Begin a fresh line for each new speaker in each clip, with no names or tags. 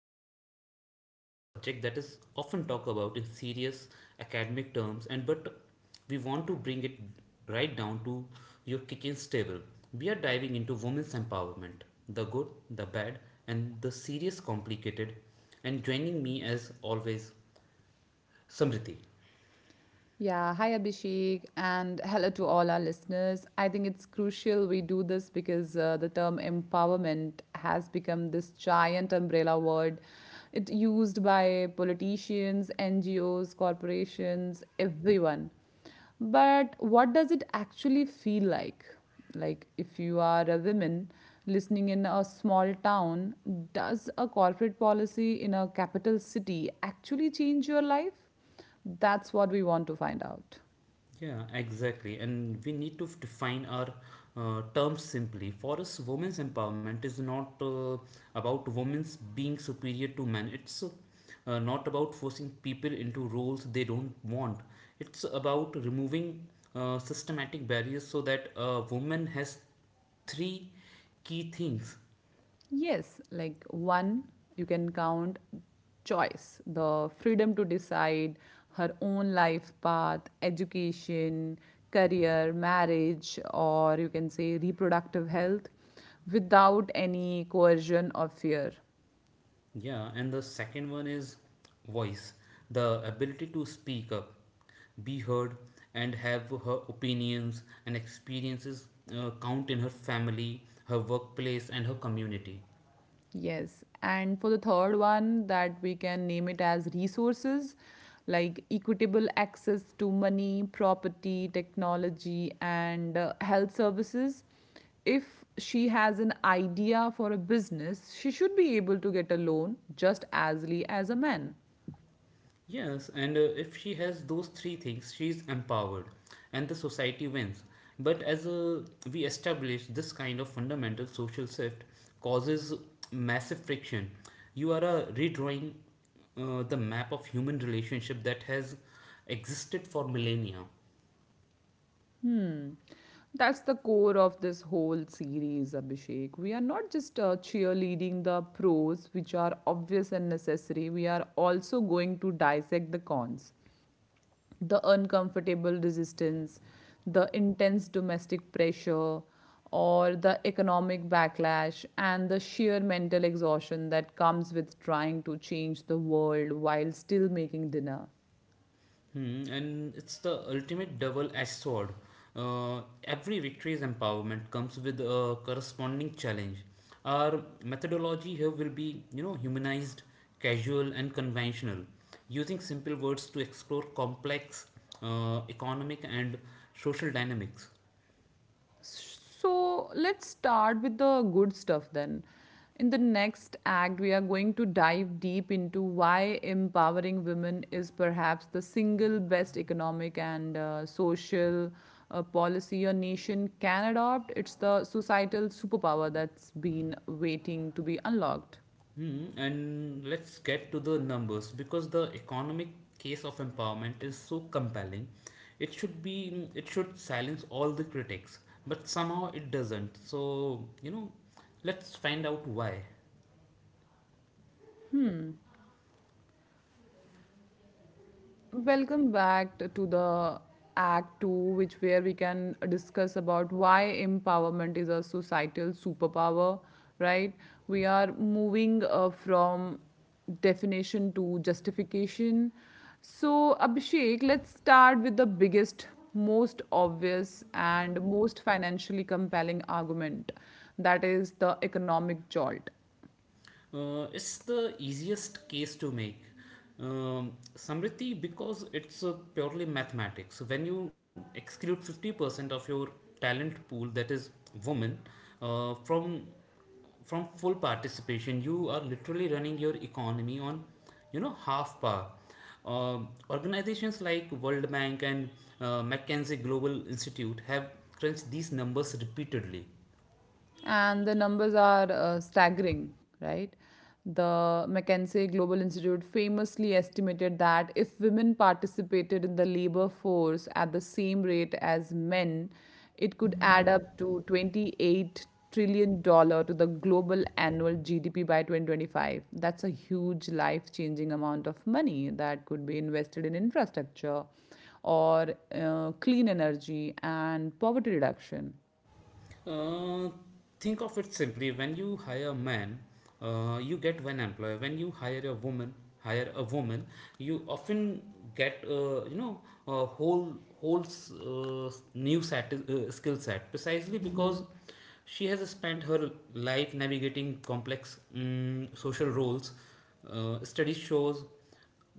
and today we are tackling a subject that is often talked about in serious academic terms, and but we want to bring it right down to your kitchen's table. We are diving into women's empowerment: the good, the bad, and the serious complicated. And joining me as always, Samriti.
Yeah, hi Abhishek, and hello to all our listeners. I think it's crucial we do this because the term empowerment has become this giant umbrella word. It's used by politicians, NGOs, corporations, everyone. But what does it actually feel like? Like, if you are a woman listening in a small town, does a corporate policy in a capital city actually change your life? That's what we want to find out.
Yeah, exactly. And we need to define our terms simply. For us, women's empowerment is not about women's being superior to men. It's not about forcing people into roles they don't want. It's about removing systematic barriers so that a woman has three key things.
Yes, like one, you can count choice, the freedom to decide her own life path, education, career, marriage, or you can say reproductive health without any coercion or fear.
Yeah, and the second one is voice, the ability to speak up, be heard, and have her opinions and experiences count in her family, her workplace, and her community.
Yes. And for the third one, that we can name it as resources like equitable access to money, property, technology, and health services. If she has an idea for a business, she should be able to get a loan just as easily as a man.
Yes, and if she has those three things, she is empowered and the society wins. But as we establish, this kind of fundamental social shift causes massive friction. You are redrawing the map of human relationship that has existed for millennia.
That's the core of this whole series, Abhishek. We are not just cheerleading the pros, which are obvious and necessary. We are also going to dissect the cons, the uncomfortable resistance, the intense domestic pressure, or the economic backlash, and the sheer mental exhaustion that comes with trying to change the world while still making dinner.
Hmm, and it's the ultimate double-edged sword. Every victory's empowerment comes with a corresponding challenge. Our methodology here will be, you know, humanized, casual, and conventional, using simple words to explore complex economic and social dynamics.
So let's start with the good stuff then. In the next act, we are going to dive deep into why empowering women is perhaps the single best economic and social policy a nation can adopt. It's the societal superpower that's been waiting to be unlocked.
Hmm, and let's get to the numbers, because the economic case of empowerment is so compelling. It should be, it should silence all the critics, but somehow it doesn't. So, you know, let's find out why.
Welcome back to the Act 2, which where we can discuss about why empowerment is a societal superpower, right? We are moving from definition to justification. So, Abhishek, let's start with the biggest, most obvious, and most financially compelling argument that is the economic jolt.
It's the easiest case to make. Samriti, because it's purely mathematics. When you exclude 50% of your talent pool, that is women, uh, from from full participation, you are literally running your economy on, you know, half power. Um Organizations like World Bank and McKinsey Global Institute have crunched these numbers repeatedly.
And the numbers are staggering, right? The McKinsey Global Institute famously estimated that if women participated in the labor force at the same rate as men, it could add up to 28 trillion dollars to the global annual GDP by 2025. That's a huge life-changing amount of money that could be invested in infrastructure or clean energy and poverty reduction.
Uh, think of it simply. When you hire a man, you get one employer. When you hire a woman, hire a woman, you often get a whole new set skill set, precisely because she has spent her life navigating complex social roles. Studies shows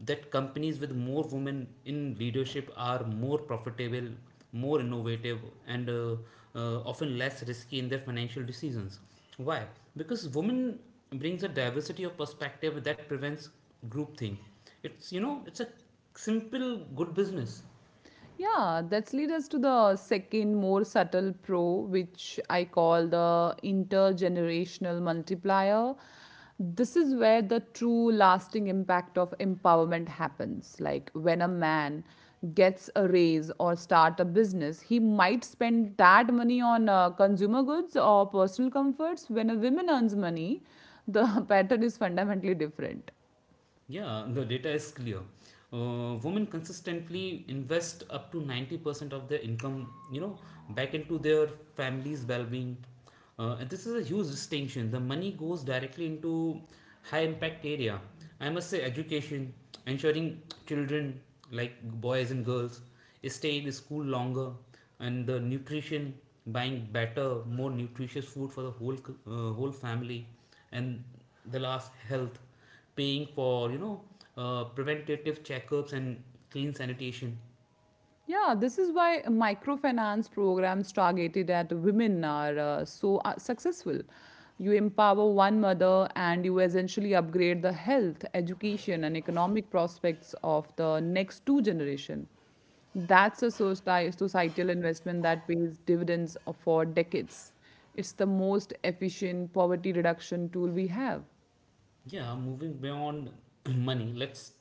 that companies with more women in leadership are more profitable, more innovative, and often less risky in their financial decisions. Why? Because women brings a diversity of perspective that prevents groupthink. It's you know it's a simple good business.
Yeah, that's lead us to the second more subtle pro, which I call the intergenerational multiplier. This is where the true lasting impact of empowerment happens. Like when a man gets a raise or start a business, he might spend that money on consumer goods or personal comforts. When a woman earns money, the pattern is fundamentally different.
Yeah, the data is clear. Women consistently invest up to 90% of their income, you know, back into their family's well-being. And this is a huge distinction. The money goes directly into high impact area. I must say education, ensuring children, like boys and girls, stay in school longer; and the nutrition, buying better, more nutritious food for the whole family; and the last, health, paying for, you know, preventative checkups and clean sanitation.
Yeah, this is why microfinance programs targeted at women are so successful. You empower one mother and you essentially upgrade the health, education, and economic prospects of the next two generation. Societal investment that pays dividends for decades. It's the most efficient poverty reduction tool we have.
Yeah, moving beyond money, let's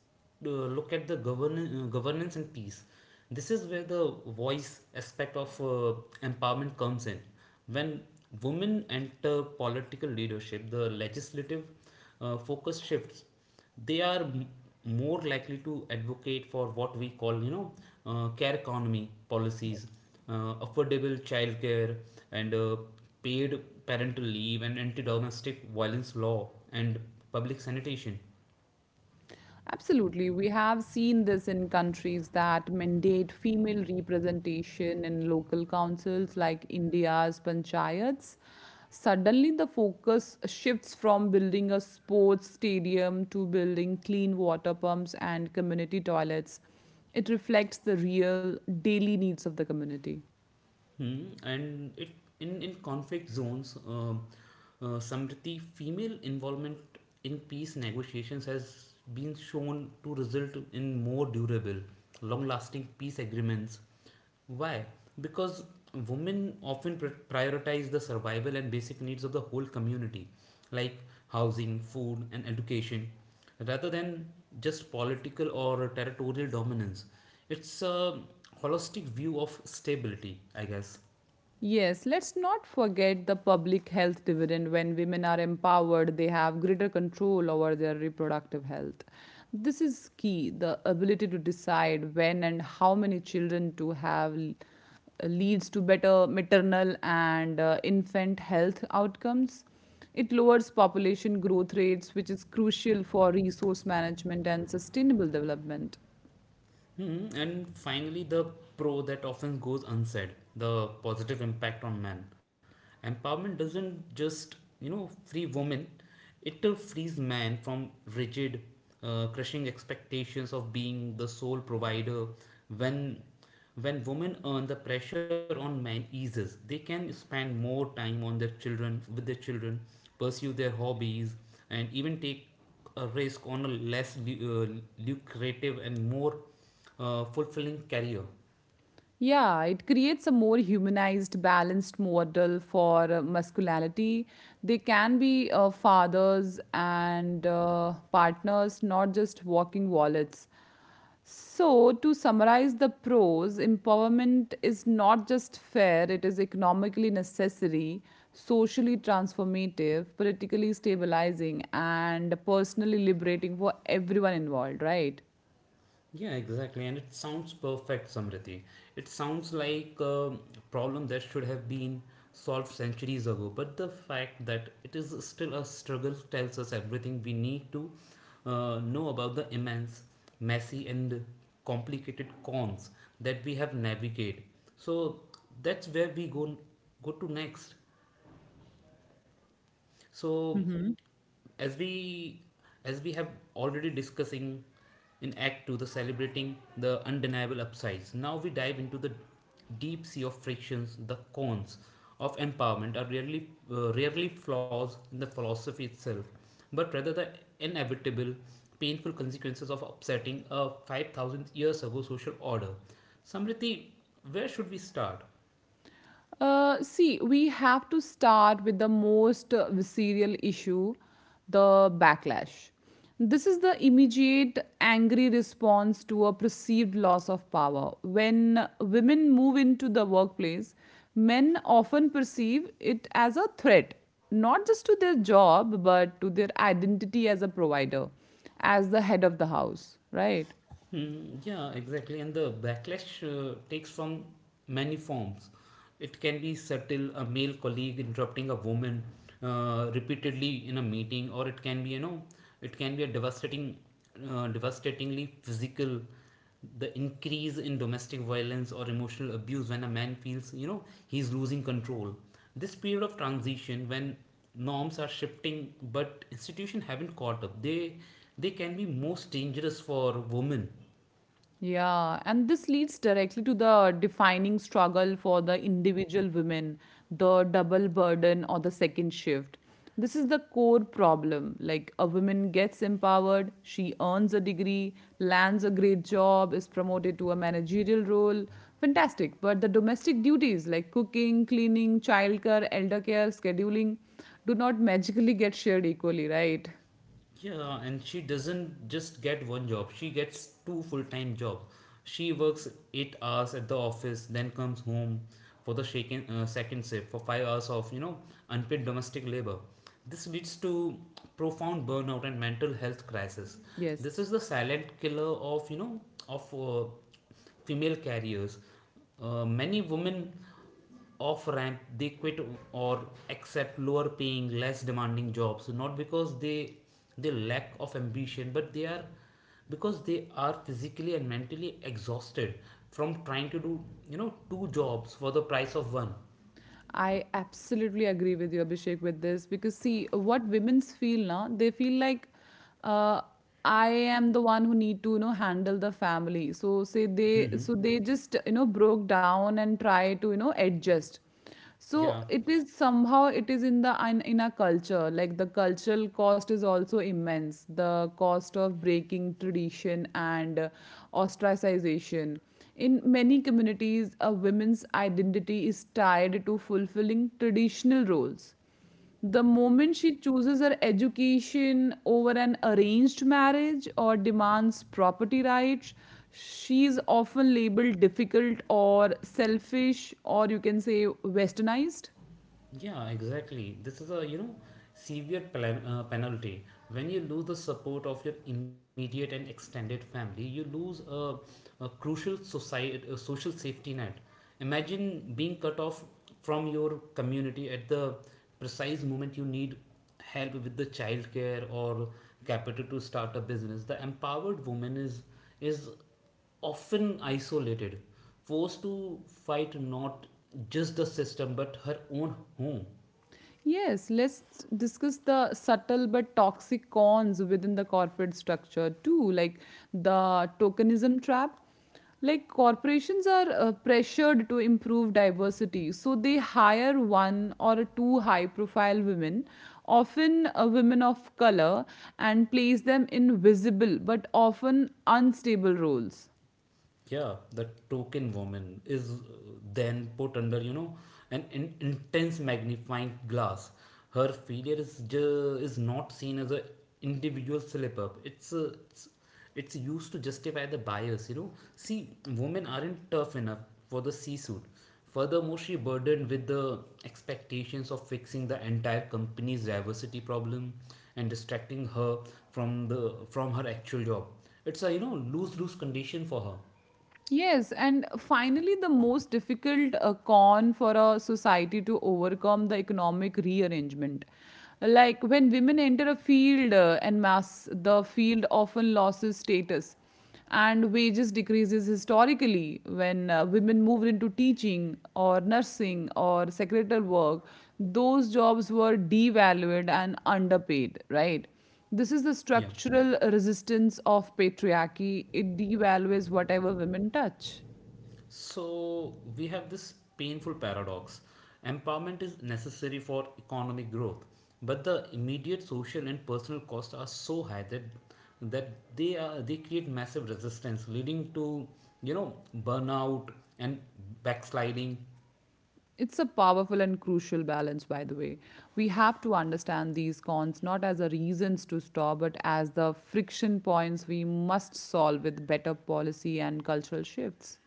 look at the governance and peace. This is where the voice aspect of empowerment comes in. When women enter political leadership, the legislative focus shifts. They are more likely to advocate for what we call, you know, care economy policies: affordable childcare, and paid parental leave, and anti-domestic violence law, and public sanitation.
Absolutely. We have seen this in countries that mandate female representation in local councils like India's panchayats. Suddenly, the focus shifts from building a sports stadium to building clean water pumps and community toilets. It reflects the real daily needs of the community.
Hmm, and it in conflict zones, Samriti, female involvement in peace negotiations has been shown to result in more durable, long-lasting peace agreements. Why? Because women often prioritize the survival and basic needs of the whole community, like housing, food, and education, rather than just political or territorial dominance. It's a holistic view of stability, I guess.
Yes, let's not forget the public health dividend. When women are empowered, they have greater control over their reproductive health. This is key, the ability to decide when and how many children to leads to better maternal and infant health outcomes. It lowers population growth rates, which is crucial for resource management and sustainable development.
Hmm, and finally, the pro that often goes unsaid: the positive impact on men. Empowerment doesn't just, you know, free women, it frees men from rigid, crushing expectations of being the sole provider. When when women earn, the pressure on men eases. They can spend more time with their children, pursue their hobbies, and even take a risk on a less lucrative and more fulfilling career.
Yeah, it creates a more humanized, balanced model for masculinity. They can be fathers and partners, not just walking wallets. So, to summarize the pros, empowerment is not just fair, it is economically necessary, socially transformative, politically stabilizing, and personally liberating for everyone involved, right?
Yeah, exactly. And it sounds perfect, Samriti. It sounds like a problem that should have been solved centuries ago. But the fact that it is still a struggle tells us everything we need to know about the immense, messy, and complicated cons that we have navigate. So that's where we go to next. So as we as we have already discussing in Act 2, the celebrating the undeniable upsides, now we dive into the deep sea of frictions. The cons of empowerment are rarely flaws in the philosophy itself, but rather the inevitable painful consequences of upsetting a 5,000 years ago social order. Samriti, where should we start?
See, we have to start with the most visceral issue, the backlash. This is the immediate angry response to a perceived loss of power. When women move into the workplace, men often perceive it as a threat, not just to their job, but to their identity as a provider, as the head of the house, right?
Hmm, yeah, exactly. And the backlash takes from many forms. It can be subtle, a male colleague interrupting a woman repeatedly in a meeting, or it can be, you know, it can be devastatingly physical, the increase in domestic violence or emotional abuse when a man feels, you know, he's losing control. This period of transition, when norms are shifting but institutions haven't caught up, they can be most dangerous for women.
Yeah, and this leads directly to the defining struggle for the individual women, the double burden or the second shift. This is the core problem. Like a woman gets empowered, she earns a degree, lands a great job, is promoted to a managerial role. Fantastic. But the domestic duties like cooking, cleaning, childcare, elder care, scheduling do not magically get shared equally, right?
Yeah, and she doesn't just get one job, she gets two full-time jobs. She works 8 hours at the office, then comes home for the second shift for 5 hours of, you know, unpaid domestic labor. This leads to profound burnout and mental health crisis. This
Yes.
is the silent killer of, you know, of female carriers. Many women off ramp. They quit or accept lower paying, less demanding jobs, not because they lack of ambition, but they are because they are physically and mentally exhausted from trying to do, you know, two jobs for the price of one.
I absolutely agree with you, Abhishek, with this because see, what women's feel now, they feel like uh, I am the one who need to, you know, handle the family. So say they, so they just, you know, broke down and try to, you know, adjust. So
Yeah.
it is somehow it is in our culture. Like the cultural cost is also immense. The cost of breaking tradition and ostracization. In many communities, a woman's identity is tied to fulfilling traditional roles. The moment she chooses her education over an arranged marriage or demands property rights, she is often labeled difficult or selfish, or you can say westernized.
Yeah, exactly. This is a, you know, penalty. When you lose the support of your immediate and extended family, you lose a crucial a social safety net. Imagine being cut off from your community at the precise moment you need help with the childcare or capital to start a business. The empowered woman is often isolated, forced to fight not just the system but her own home.
Yes, let's discuss the subtle but toxic cons within the corporate structure too, like the tokenism trap. Like corporations are pressured to improve diversity, so they hire one or two high profile women, often women of color, and place them in visible but often unstable roles.
Yeah, the token woman is, then put under, you know, an intense magnifying glass. Her failure is is not seen as a individual slip up. It's used to justify the bias. You know, see, women aren't tough enough for the C-suite. Furthermore, she burdened with the expectations of fixing the entire company's diversity problem and distracting her from her actual job. It's a lose lose condition for her.
Yes, and finally, the most difficult con for a society to overcome, the economic rearrangement. Like when women enter a field en masse, the field often loses status and wages decreases. Historically, when women moved into teaching or nursing or secretarial work, those jobs were devalued and underpaid, right? This is the
Yeah.
structural resistance of patriarchy. It devalues whatever women touch.
So we have this painful paradox. Empowerment is necessary for economic growth, but the immediate social and personal costs are so high that they create massive resistance, leading to, you know, burnout and backsliding.
It's a powerful and crucial balance, by the way. We have to understand these cons not as a reasons to stop, but as the friction points we must solve with better policy and cultural shifts.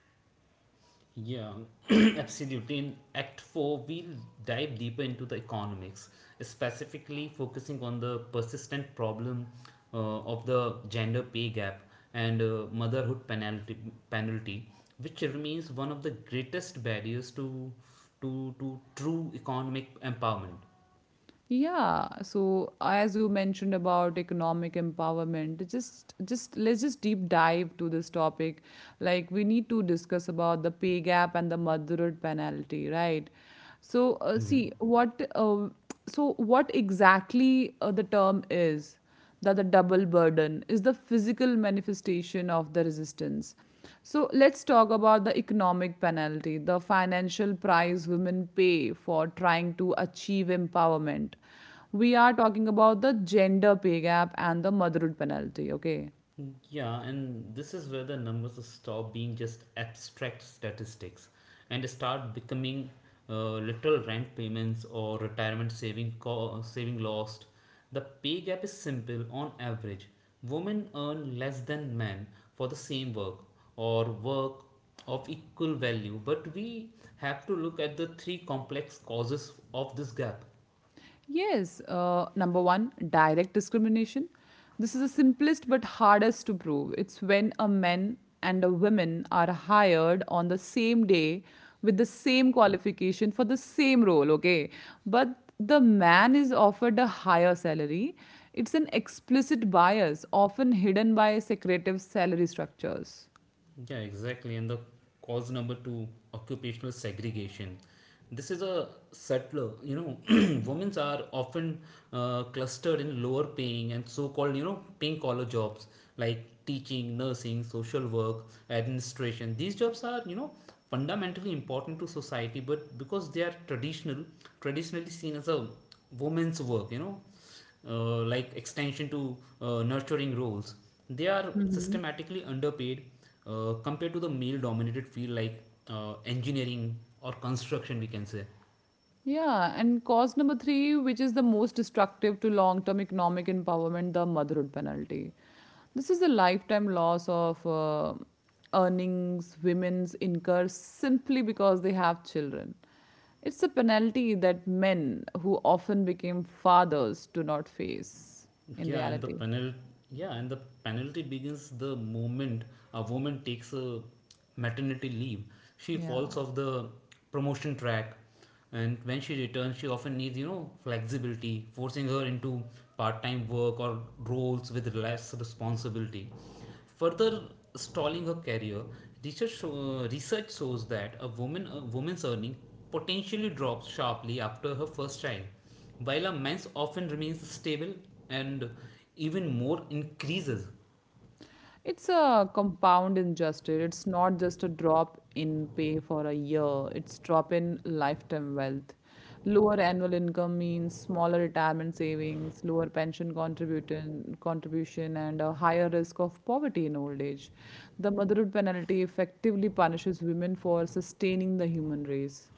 Yeah, absolutely. In Act 4, we'll dive deeper into the economics, specifically focusing on the persistent problem of the gender pay gap and motherhood penalty, which remains one of the greatest barriers to, to true economic empowerment.
Yeah, so as you mentioned about economic empowerment, just let's just deep dive to this topic. Like we need to discuss about the pay gap and the motherhood penalty, right? So see what so what exactly the term is that the double burden is the physical manifestation of the resistance. So let's talk about the economic penalty, the financial price women pay for trying to achieve empowerment. We are talking about the gender pay gap and the motherhood penalty, okay?
Yeah, and this is where the numbers stop being just abstract statistics and start becoming literal rent payments or retirement saving lost. The pay gap is simple on average. Women earn less than men for the same work or work of equal value, but we have to look at the three complex causes of this gap.
Yes, number one, direct discrimination. This is the simplest but hardest to prove. It's when a man and a woman are hired on the same day with the same qualification for the same role, okay? But the man is offered a higher salary. It's an explicit bias, often hidden by secretive salary structures.
Yeah, exactly. And the cause number two, occupational segregation. This is a subtler, you know, women are often clustered in lower paying and so called, you know, pink collar jobs like teaching, nursing, social work, administration. These jobs are, you know, fundamentally important to society, but because they are traditionally seen as a woman's work, you know, like extension to nurturing roles, they are systematically underpaid compared to the male dominated field like engineering or construction, we can say.
Yeah, and cause number three, which is the most destructive to long term economic empowerment, the motherhood penalty. This is a lifetime loss of earnings women's incur simply because they have children. It's a penalty that men who often became fathers do not face in
Yeah, and the
reality.
penalty. Yeah, and the penalty begins the moment a woman takes a maternity leave. She falls
Yeah.
off the promotion track, and when she returns, she often needs, you know, flexibility, forcing her into part-time work or roles with less responsibility, further stalling her career. Research shows that a woman's earning potentially drops sharply after her first child, while a man's often remains stable and even more increases.
It's a compound injustice. It's not just a drop in pay for a year, it's drop in lifetime wealth. Lower annual income means smaller retirement savings, lower pension contribution, contribution and a higher risk of poverty in old age. The motherhood penalty effectively punishes women for sustaining the human race.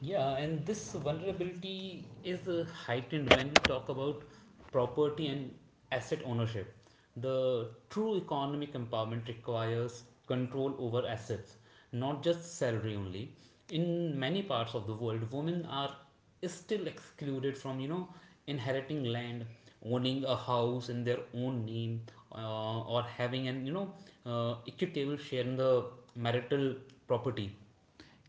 Yeah, and this vulnerability is heightened when we talk about property and asset ownership. The true economic empowerment requires control over assets, not just salary only. In many parts of the world, women are still excluded from, inheriting land, owning a house in their own name, or having an, equitable share in the marital property.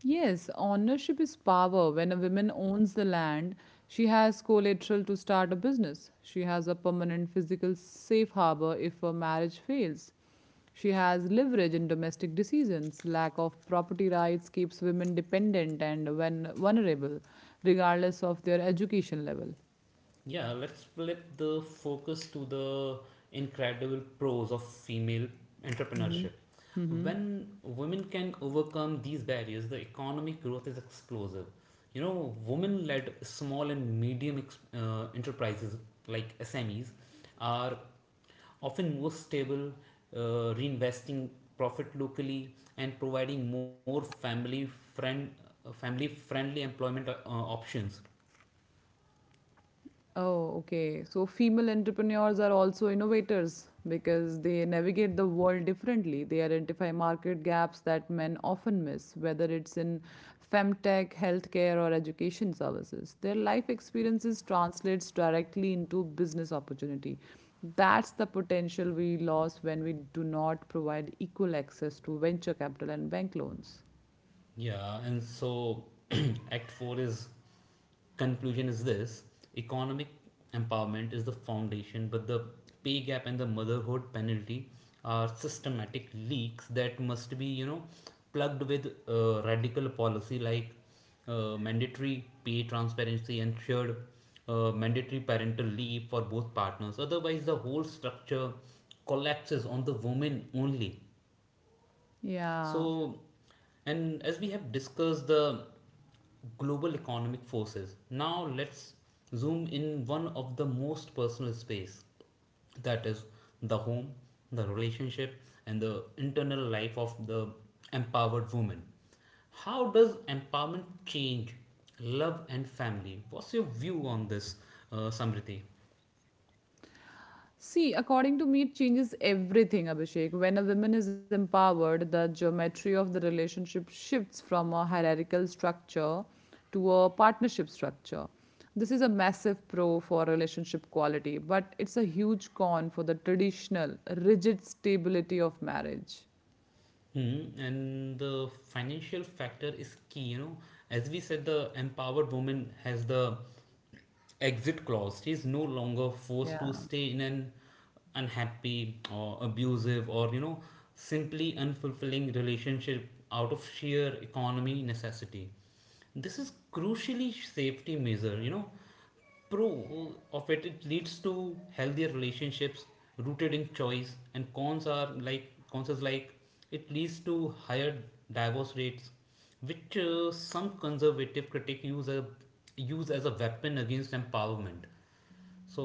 Yes, ownership is power. When a woman owns the land, she has collateral to start a business. She has a permanent physical safe harbor if her marriage fails. She has leverage in domestic decisions. Lack of property rights keeps women dependent and when vulnerable, regardless of their education level.
Yeah, let's flip the focus to the incredible pros of female entrepreneurship. When women can overcome these barriers, the economic growth is explosive. You know, women led small and medium enterprises like SMEs are often more stable, reinvesting profit locally and providing more friend, family friendly employment options.
Oh, okay. So female entrepreneurs are also innovators because they navigate the world differently. They identify market gaps that men often miss, whether it's in femtech, healthcare, or education services. Their life experiences translates directly into business opportunity. That's the potential we lose when we do not provide equal access to venture capital and bank loans.
Yeah, and so Act 4 is conclusion is this economic empowerment is the foundation, but the pay gap and the motherhood penalty are systematic leaks that must be, plugged with radical policy like mandatory pay transparency and shared mandatory parental leave for both partners. Otherwise, the whole structure collapses on the woman only.
Yeah.
So, and as we have discussed the global economic forces, now let's zoom in one of the most personal space, that is the home, the relationship, and the internal life of the empowered woman. How does empowerment change love and family? What's your view on this, Samriti?
See, according to me, it changes everything, Abhishek. When a woman is empowered, the geometry of the relationship shifts from a hierarchical structure to a partnership structure. This is a massive pro for relationship quality, but it's a huge con for the traditional, rigid stability of marriage.
Hmm, and the financial factor is key. You know, as we said, the empowered woman has the exit clause. She is no longer forced to stay in an unhappy or abusive or you know simply unfulfilling relationship out of sheer economy necessity. This is crucially safety measure. You know, pro of it, leads to healthier relationships rooted in choice, and cons are like cons is like it leads to higher divorce rates which some conservative critics use as a weapon against empowerment, so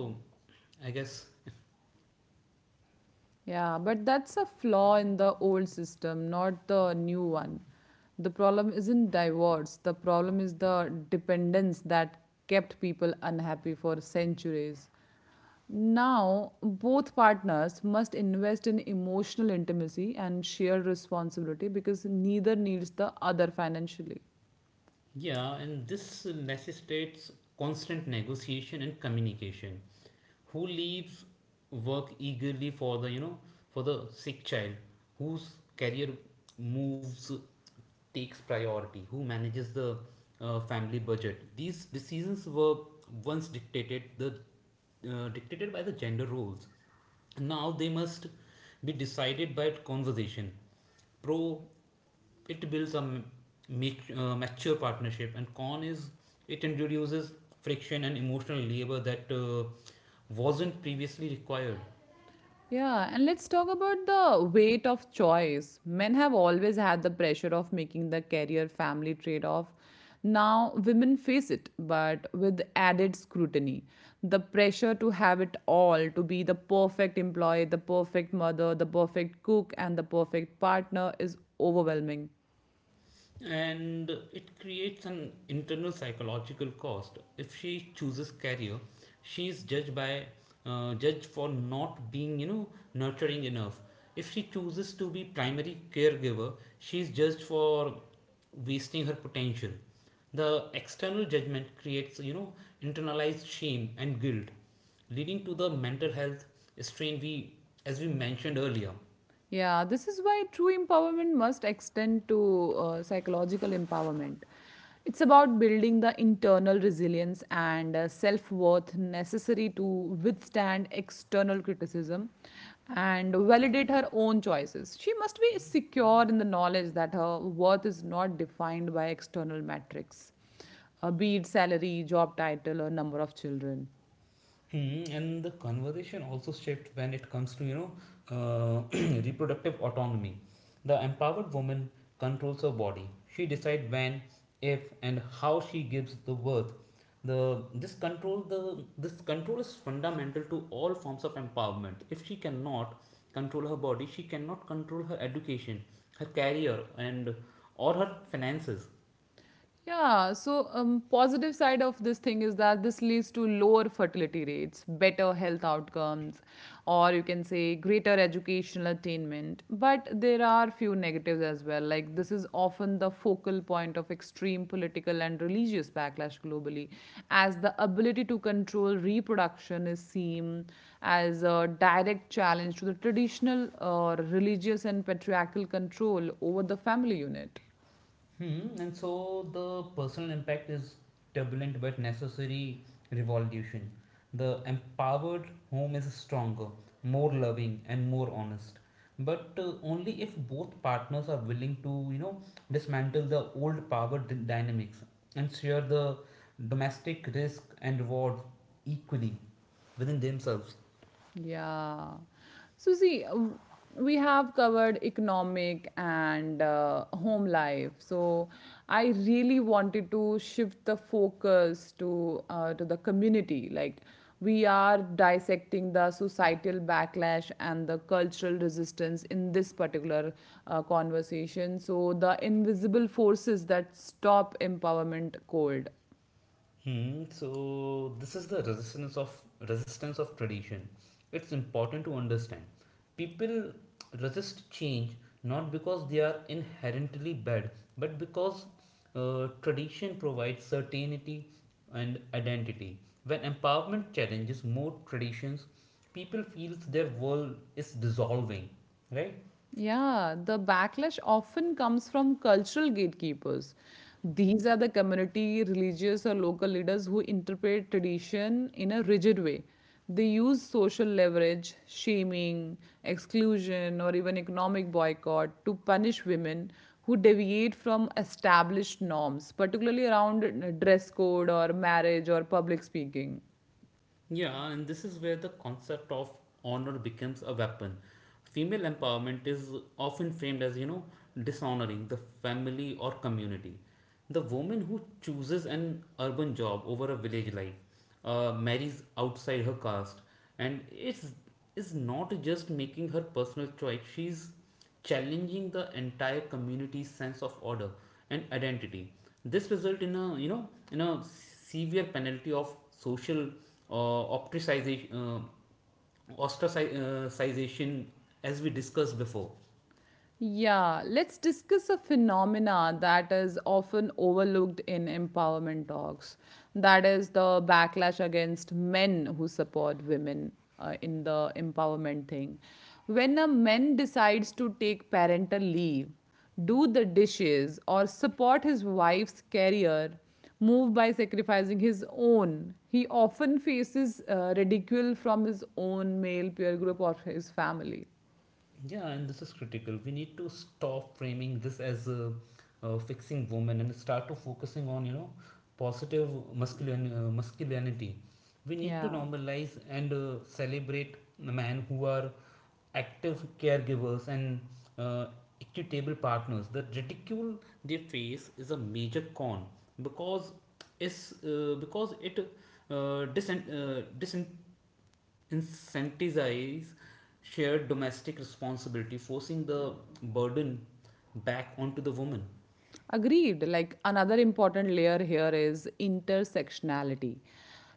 I guess.
Yeah, but that's a flaw in the old system, not the new one. The problem isn't divorce, the problem is the dependence that kept people unhappy for centuries. Now, both partners must invest in emotional intimacy and shared responsibility because neither needs the other financially.
Yeah, and this necessitates constant negotiation and communication. Who leaves work eagerly for the you know for the sick child? Whose career moves takes priority? Who manages the family budget? These decisions were once dictated the dictated by the gender roles. Now they must be decided by conversation. Pro, it builds a mature partnership, and con is it introduces friction and emotional labor that wasn't previously required.
Yeah, and let's talk about the weight of choice. Men have always had the pressure of making the career family trade off. Now, women face it, but with added scrutiny. The pressure to have it all, to be the perfect employee, the perfect mother, the perfect cook, and the perfect partner is overwhelming.
And it creates an internal psychological cost. If she chooses career, she is judged by, judged for not being you know nurturing enough. If she chooses to be primary caregiver, she is judged for wasting her potential. The external judgment creates you know internalized shame and guilt, leading to the mental health strain we as we mentioned earlier.
Yeah, this is why true empowerment must extend to psychological empowerment. It's about building the internal resilience and self worth necessary to withstand external criticism and validate her own choices. She must be secure in the knowledge that her worth is not defined by external metrics, be it salary, job title, or number of children.
Mm, and the conversation also shifts when it comes to you know uh, reproductive autonomy. The empowered woman controls her body. She decides when, if, and how she gives the birth. The this control the This control is fundamental to all forms of empowerment. If she cannot control her body, she cannot control her education, her career, and or her finances.
Yeah, so positive side of this thing is that this leads to lower fertility rates, better health outcomes, or you can say greater educational attainment. But there are few negatives as well. Like this is often the focal point of extreme political and religious backlash globally, as the ability to control reproduction is seen as a direct challenge to the traditional religious and patriarchal control over the family unit.
Hmm, and so the personal impact is turbulent but necessary revolution. The empowered home is stronger, more loving, and more honest. But only if both partners are willing to, dismantle the old power dynamics and share the domestic risk and reward equally within themselves.
Yeah. So, see, we have covered economic and home life. So, I really wanted to shift the focus to the community. Like, we are dissecting the societal backlash and the cultural resistance in this particular conversation. So, the invisible forces that stop empowerment cold.
Hmm, so this is the resistance of tradition. It's important to understand. People resist change not because they are inherently bad, but because tradition provides certainty and identity. When empowerment challenges more traditions, people feels their world is dissolving, right?
Yeah, the backlash often comes from cultural gatekeepers. These are the community, religious, or local leaders who interpret tradition in a rigid way. They use social leverage, shaming, exclusion, or even economic boycott to punish women who deviate from established norms, particularly around dress code or marriage or public speaking.
Yeah, and this is where the concept of honor becomes a weapon. Female empowerment is often framed as, dishonoring the family or community. The woman who chooses an urban job over a village life, marries outside her caste, and it's is not just making her personal choice, she's challenging the entire community's sense of order and identity. This result in a you know in a severe penalty of social uh, ostracization, ostracization, as we discussed before.
Yeah, let's discuss a phenomena that is often overlooked in empowerment talks. That is the backlash against men who support women in the empowerment thing. When a man decides to take parental leave, do the dishes, or support his wife's career, move by sacrificing his own, he often faces ridicule from his own male peer group or his family.
Yeah, and this is critical. We need to stop framing this as a, fixing woman, and start to focusing on you know positive masculine masculinity. We need to
Yeah.
normalize and celebrate men who are active caregivers and, uh, equitable partners. The ridicule they face is a major con because is because it disen- disen- incentivize shared domestic responsibility, forcing the burden back onto the woman.
Agreed. Like another important layer here is intersectionality.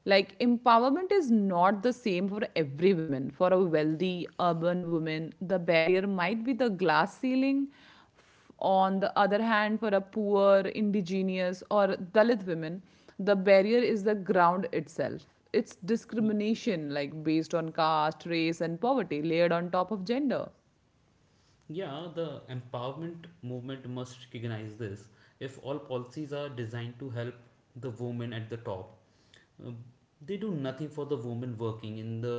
Like empowerment is not the same for every woman. For a wealthy urban woman, the barrier might be the glass ceiling. On the other hand, for a poor, indigenous, or Dalit women, the barrier is the ground itself. It's
Y-
discrimination, like based on caste, race, and poverty, layered on top of gender.
Yeah, the empowerment movement must recognize this. If all policies are designed to help the woman at the top, Um, they do nothing for the women working in the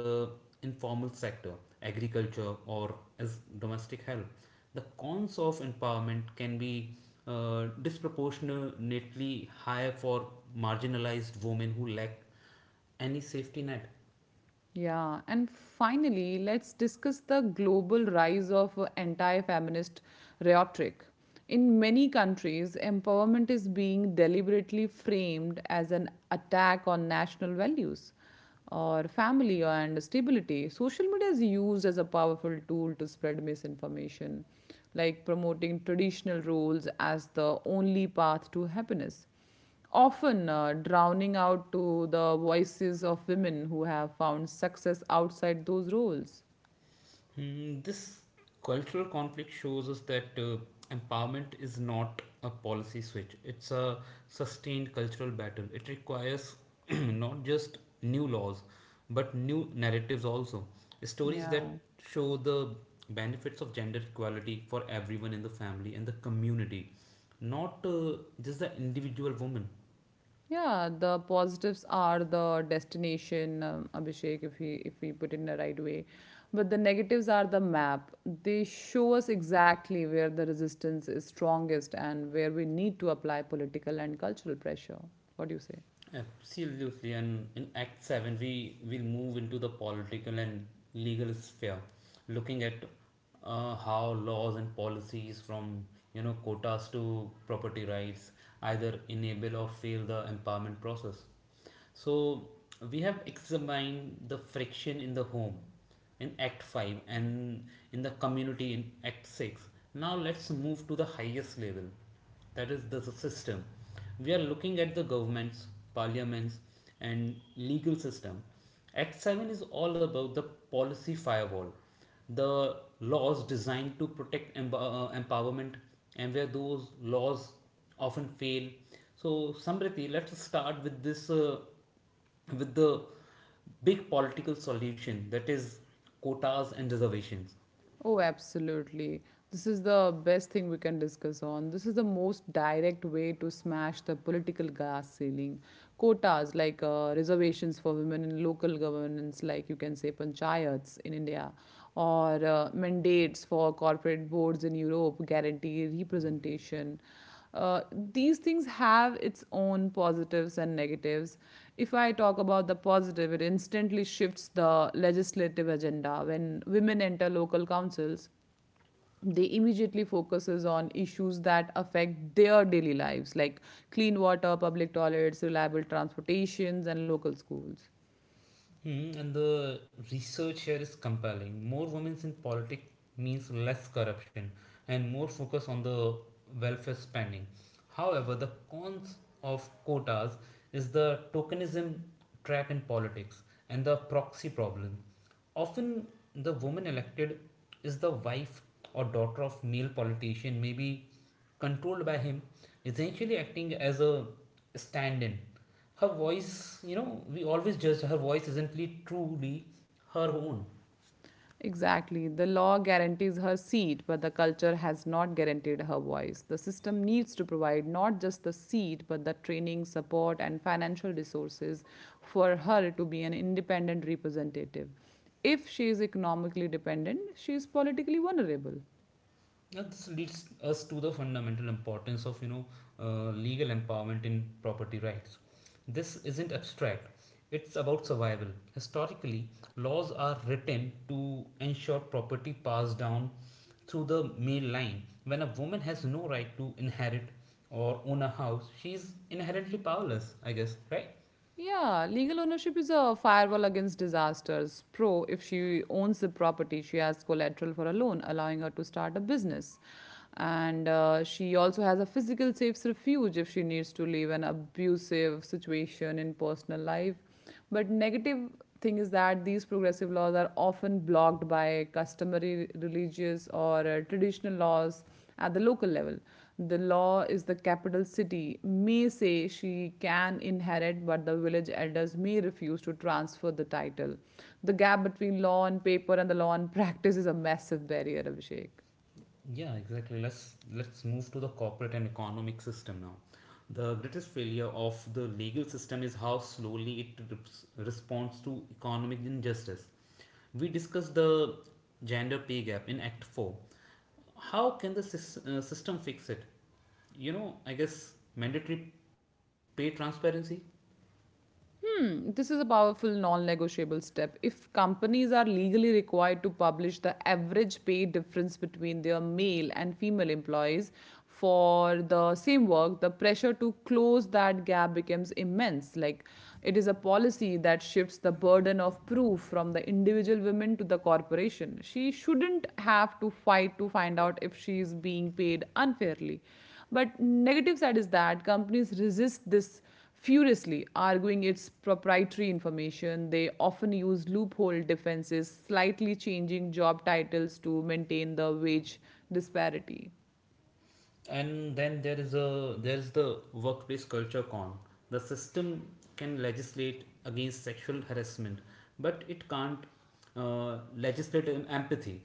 informal sector, agriculture, or as domestic help. The cons of empowerment can be disproportionately high for marginalized women who lack any safety net.
Yeah, and finally, let's discuss the global rise of anti feminist rhetoric. In many countries, empowerment is being deliberately framed as an attack on national values or family and stability. Social media is used as a powerful tool to spread misinformation, like promoting traditional roles as the only path to happiness often drowning out to the voices of women who have found success outside those roles.
Hmm. This cultural conflict shows us that empowerment is not a policy switch, it's a sustained cultural battle. It requires not just new laws, but new narratives also. Stories that
Yeah.
show the benefits of gender equality for everyone in the family and the community, not just the individual woman.
Yeah, the positives are the destination, Abhishek, if we put it in the right way, but the negatives are the map. They show us exactly where the resistance is strongest and where we need to apply political and cultural pressure. What do you say?
Absolutely, and in Act 7, we will move into the political and legal sphere, looking at how laws and policies from you know quotas to property rights either enable or fail the empowerment process. So we have examined the friction in the home in Act 5 and in the community in Act 6. Now let's move to the highest level, that is the system. We are looking at the governments, parliaments, and legal system. Act 7 is all about the policy firewall, the laws designed to protect empowerment, and where those laws often fail. So, Samriti, let's start with this with the big political solution, that is quotas and reservations.
Oh, absolutely. This is the best thing we can discuss on. This is the most direct way to smash the political glass ceiling. Quotas, like reservations for women in local governance, like you can say panchayats in India, or mandates for corporate boards in Europe, guarantee representation uh, these things have its own positives and negatives. If I talk about the positive, it instantly shifts the legislative agenda. When women enter local councils, they immediately focuses on issues that affect their daily lives, like clean water, public toilets, reliable transportations, and local schools.
Hmm, and the research here is compelling. More women in politics means less corruption and more focus on the welfare spending. However, the cons of quotas is the tokenism trap in politics and the proxy problem. Often, the woman elected is the wife or daughter of male politician, maybe controlled by him, essentially acting as a stand in. Her voice, you know, we always judge her voice isn't really truly her own.
Exactly. The law guarantees her seat, but the culture has not guaranteed her voice. The system needs to provide not just the seat, but the training, support, and financial resources for her to be an independent representative. If she is economically dependent, she is politically vulnerable.
Now this leads us to the fundamental importance of you know legal empowerment in property rights. This isn't abstract, it's about survival. Historically, laws are written to ensure property passed down through the male line. When a woman has no right to inherit or own a house, she's inherently powerless, I guess, right?
Yeah, legal ownership is a firewall against disasters. Pro, if she owns the property, she has collateral for a loan, allowing her to start a business. And she also has a physical safe refuge if she needs to leave an abusive situation in personal life, but negative thing is that these progressive laws are often blocked by customary religious or traditional laws at the local level. The law is the capital city may say she can inherit, but the village elders may refuse to transfer the title. The gap between law on paper and the law on practice is a massive barrier, Abhishek.
Yeah, exactly. Let's move to the corporate and economic system now. The greatest failure of the legal system is how slowly it responds to economic injustice. We discussed the gender pay gap in Act 4. How can the system fix it? You know, I guess mandatory pay transparency,
This is a powerful non negotiable step. If companies are legally required to publish the average pay difference between their male and female employees for the same work, the pressure to close that gap becomes immense. Like it is a policy that shifts the burden of proof from the individual women to the corporation. She shouldn't have to fight to find out if she is being paid unfairly. But negative side is that companies resist this furiously arguing its proprietary information. They often use loophole defenses, slightly changing job titles to maintain the wage disparity.
and then there is the workplace culture con. The system can legislate against sexual harassment, but it can't legislate in empathy.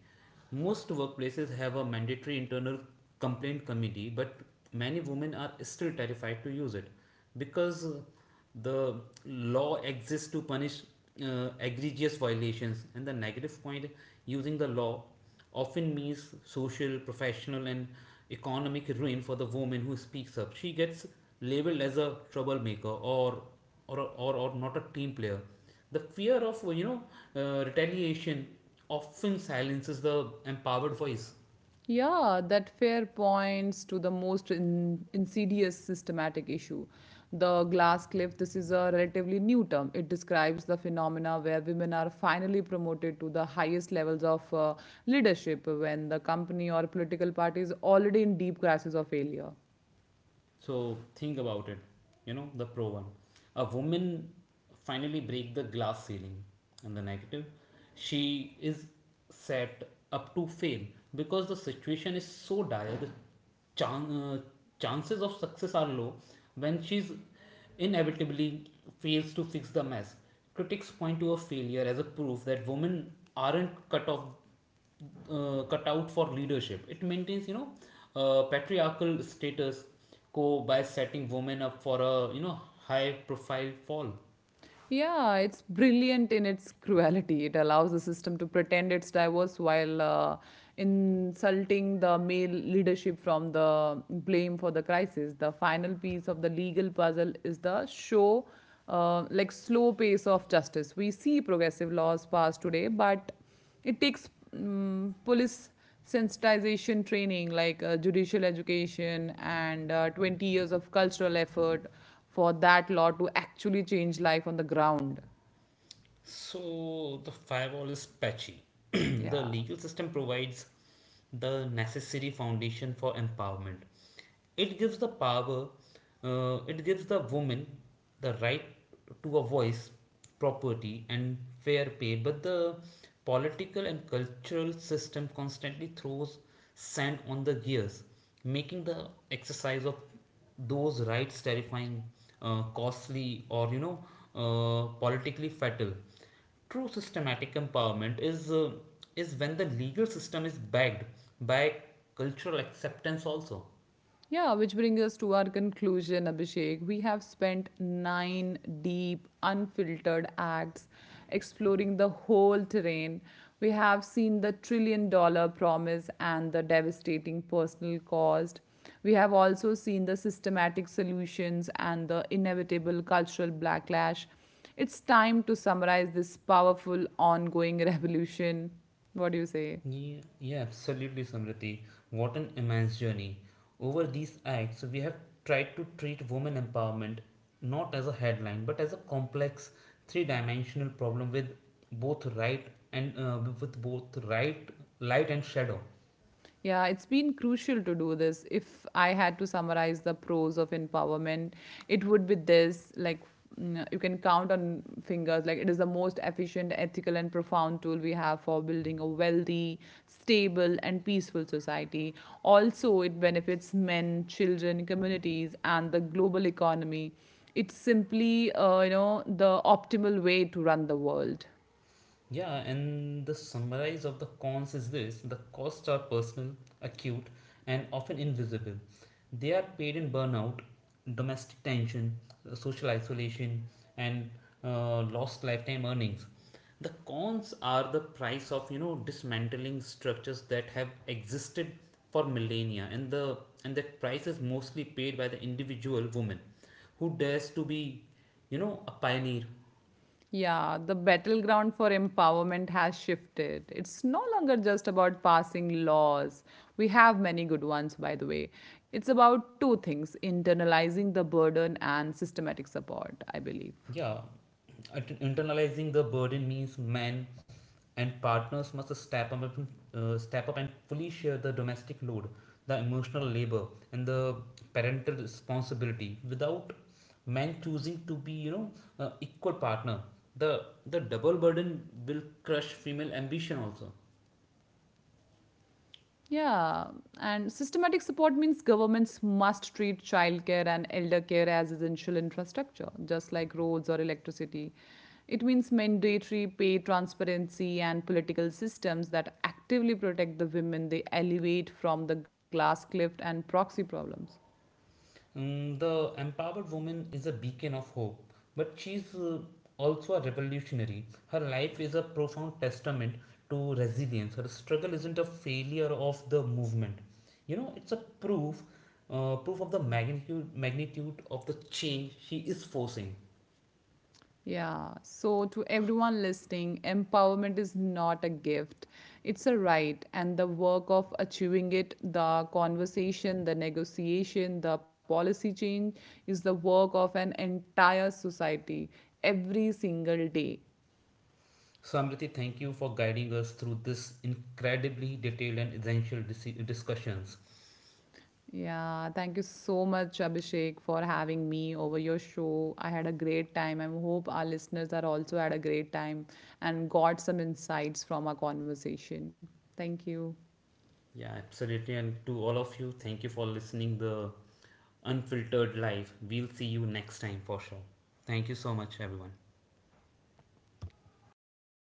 Most workplaces have a mandatory internal complaint committee, but many women are still terrified to use it because the law exists to punish egregious violations, and the negative point, using the law often means social, professional, and economic ruin for the woman who speaks up. She gets labeled as a troublemaker or not a team player. The fear of you know retaliation often silences the empowered voice.
Yeah, that fair points to the most insidious systematic issue. The glass cliff, this is a relatively new term. It describes the phenomena where women are finally promoted to the highest levels of leadership when the company or political party is already in deep crisis or failure.
So think about it. You know, the pro one. A woman finally break the glass ceiling. And the negative, she is set up to fail because the situation is so dire. The chan- uh, chances of success are low when she's inevitably fails to fix the mess. Critics point to a failure as a proof that women aren't cut out for leadership. It maintains, patriarchal status quo by setting women up for a, high profile fall.
Yeah, it's brilliant in its cruelty. It allows the system to pretend it's diverse while insulting the male leadership from the blame for the crisis. The final piece of the legal puzzle is the show, like slow pace of justice. We see progressive laws passed today, but it takes police sensitization training, like judicial education and 20 years of cultural effort for that law to actually change life on the ground.
So the firewall is patchy.
Yeah.
The legal system provides the necessary foundation for empowerment. It gives it gives the woman the right to a voice, property, and fair pay. But the political and cultural system constantly throws sand on the gears, making the exercise of those rights terrifying, costly, or politically fatal. True systematic empowerment is when the legal system is backed by cultural acceptance also.
Yeah, which brings us to our conclusion, Abhishek. We have spent nine deep, unfiltered acts exploring the whole terrain. We have seen the trillion dollar promise and the devastating personal cost. We have also seen the systematic solutions and the inevitable cultural backlash. It's time to summarize this powerful, ongoing revolution. What do you say?
Yeah, yeah, absolutely, Samriti. What an immense journey. Over these acts, we have tried to treat women empowerment not as a headline but as a complex three dimensional problem with both right and with both right, light and shadow.
Yeah, it's been crucial to do this. If I had to summarize the pros of empowerment, it would be this, like, you can count on fingers. Like, it is the most efficient, ethical, and profound tool we have for building a wealthy, stable, and peaceful society. Also, it benefits men, children, communities, and the global economy. It's simply, you know, the optimal way to run the world.
Yeah, and the summarize of the cons is this, the costs are personal, acute, and often invisible. They are paid in burnout, domestic tension, social isolation, and lost lifetime earnings. The cons are the price of you know dismantling structures that have existed for millennia, and the and that price is mostly paid by the individual woman who dares to be you know a pioneer.
Yeah, the battleground for empowerment has shifted. It's no longer just about passing laws. We have many good ones, by the way. It's about two things: internalizing the burden and systematic support, I believe.
Yeah, internalizing the burden means men and partners must step up and fully share the domestic load, the emotional labor, and the parental responsibility. Without men choosing to be, equal partner, the double burden will crush female ambition also.
Yeah, and systematic support means governments must treat childcare and elder care as essential infrastructure, just like roads or electricity. It means mandatory pay transparency and political systems that actively protect the women they elevate from the glass cliff and proxy problems.
Mm, the empowered woman is a beacon of hope, but she's also a revolutionary. Her life is a profound testament to resilience. Her struggle isn't a failure of the movement. You know, it's a proof of the magnitude of the change she is forcing.
Yeah, so to everyone listening, empowerment is not a gift. It's a right, and the work of achieving it, the conversation, the negotiation, the policy change is the work of an entire society every single day.
Samriti, thank you for guiding us through this incredibly detailed and essential discussions.
Yeah, thank you so much, Abhishek, for having me over your show. I had a great time. I hope our listeners are also had a great time and got some insights from our conversation. Thank you.
Yeah, absolutely. And to all of you, thank you for listening the unfiltered life. We'll see you next time for sure. Thank you so much, everyone.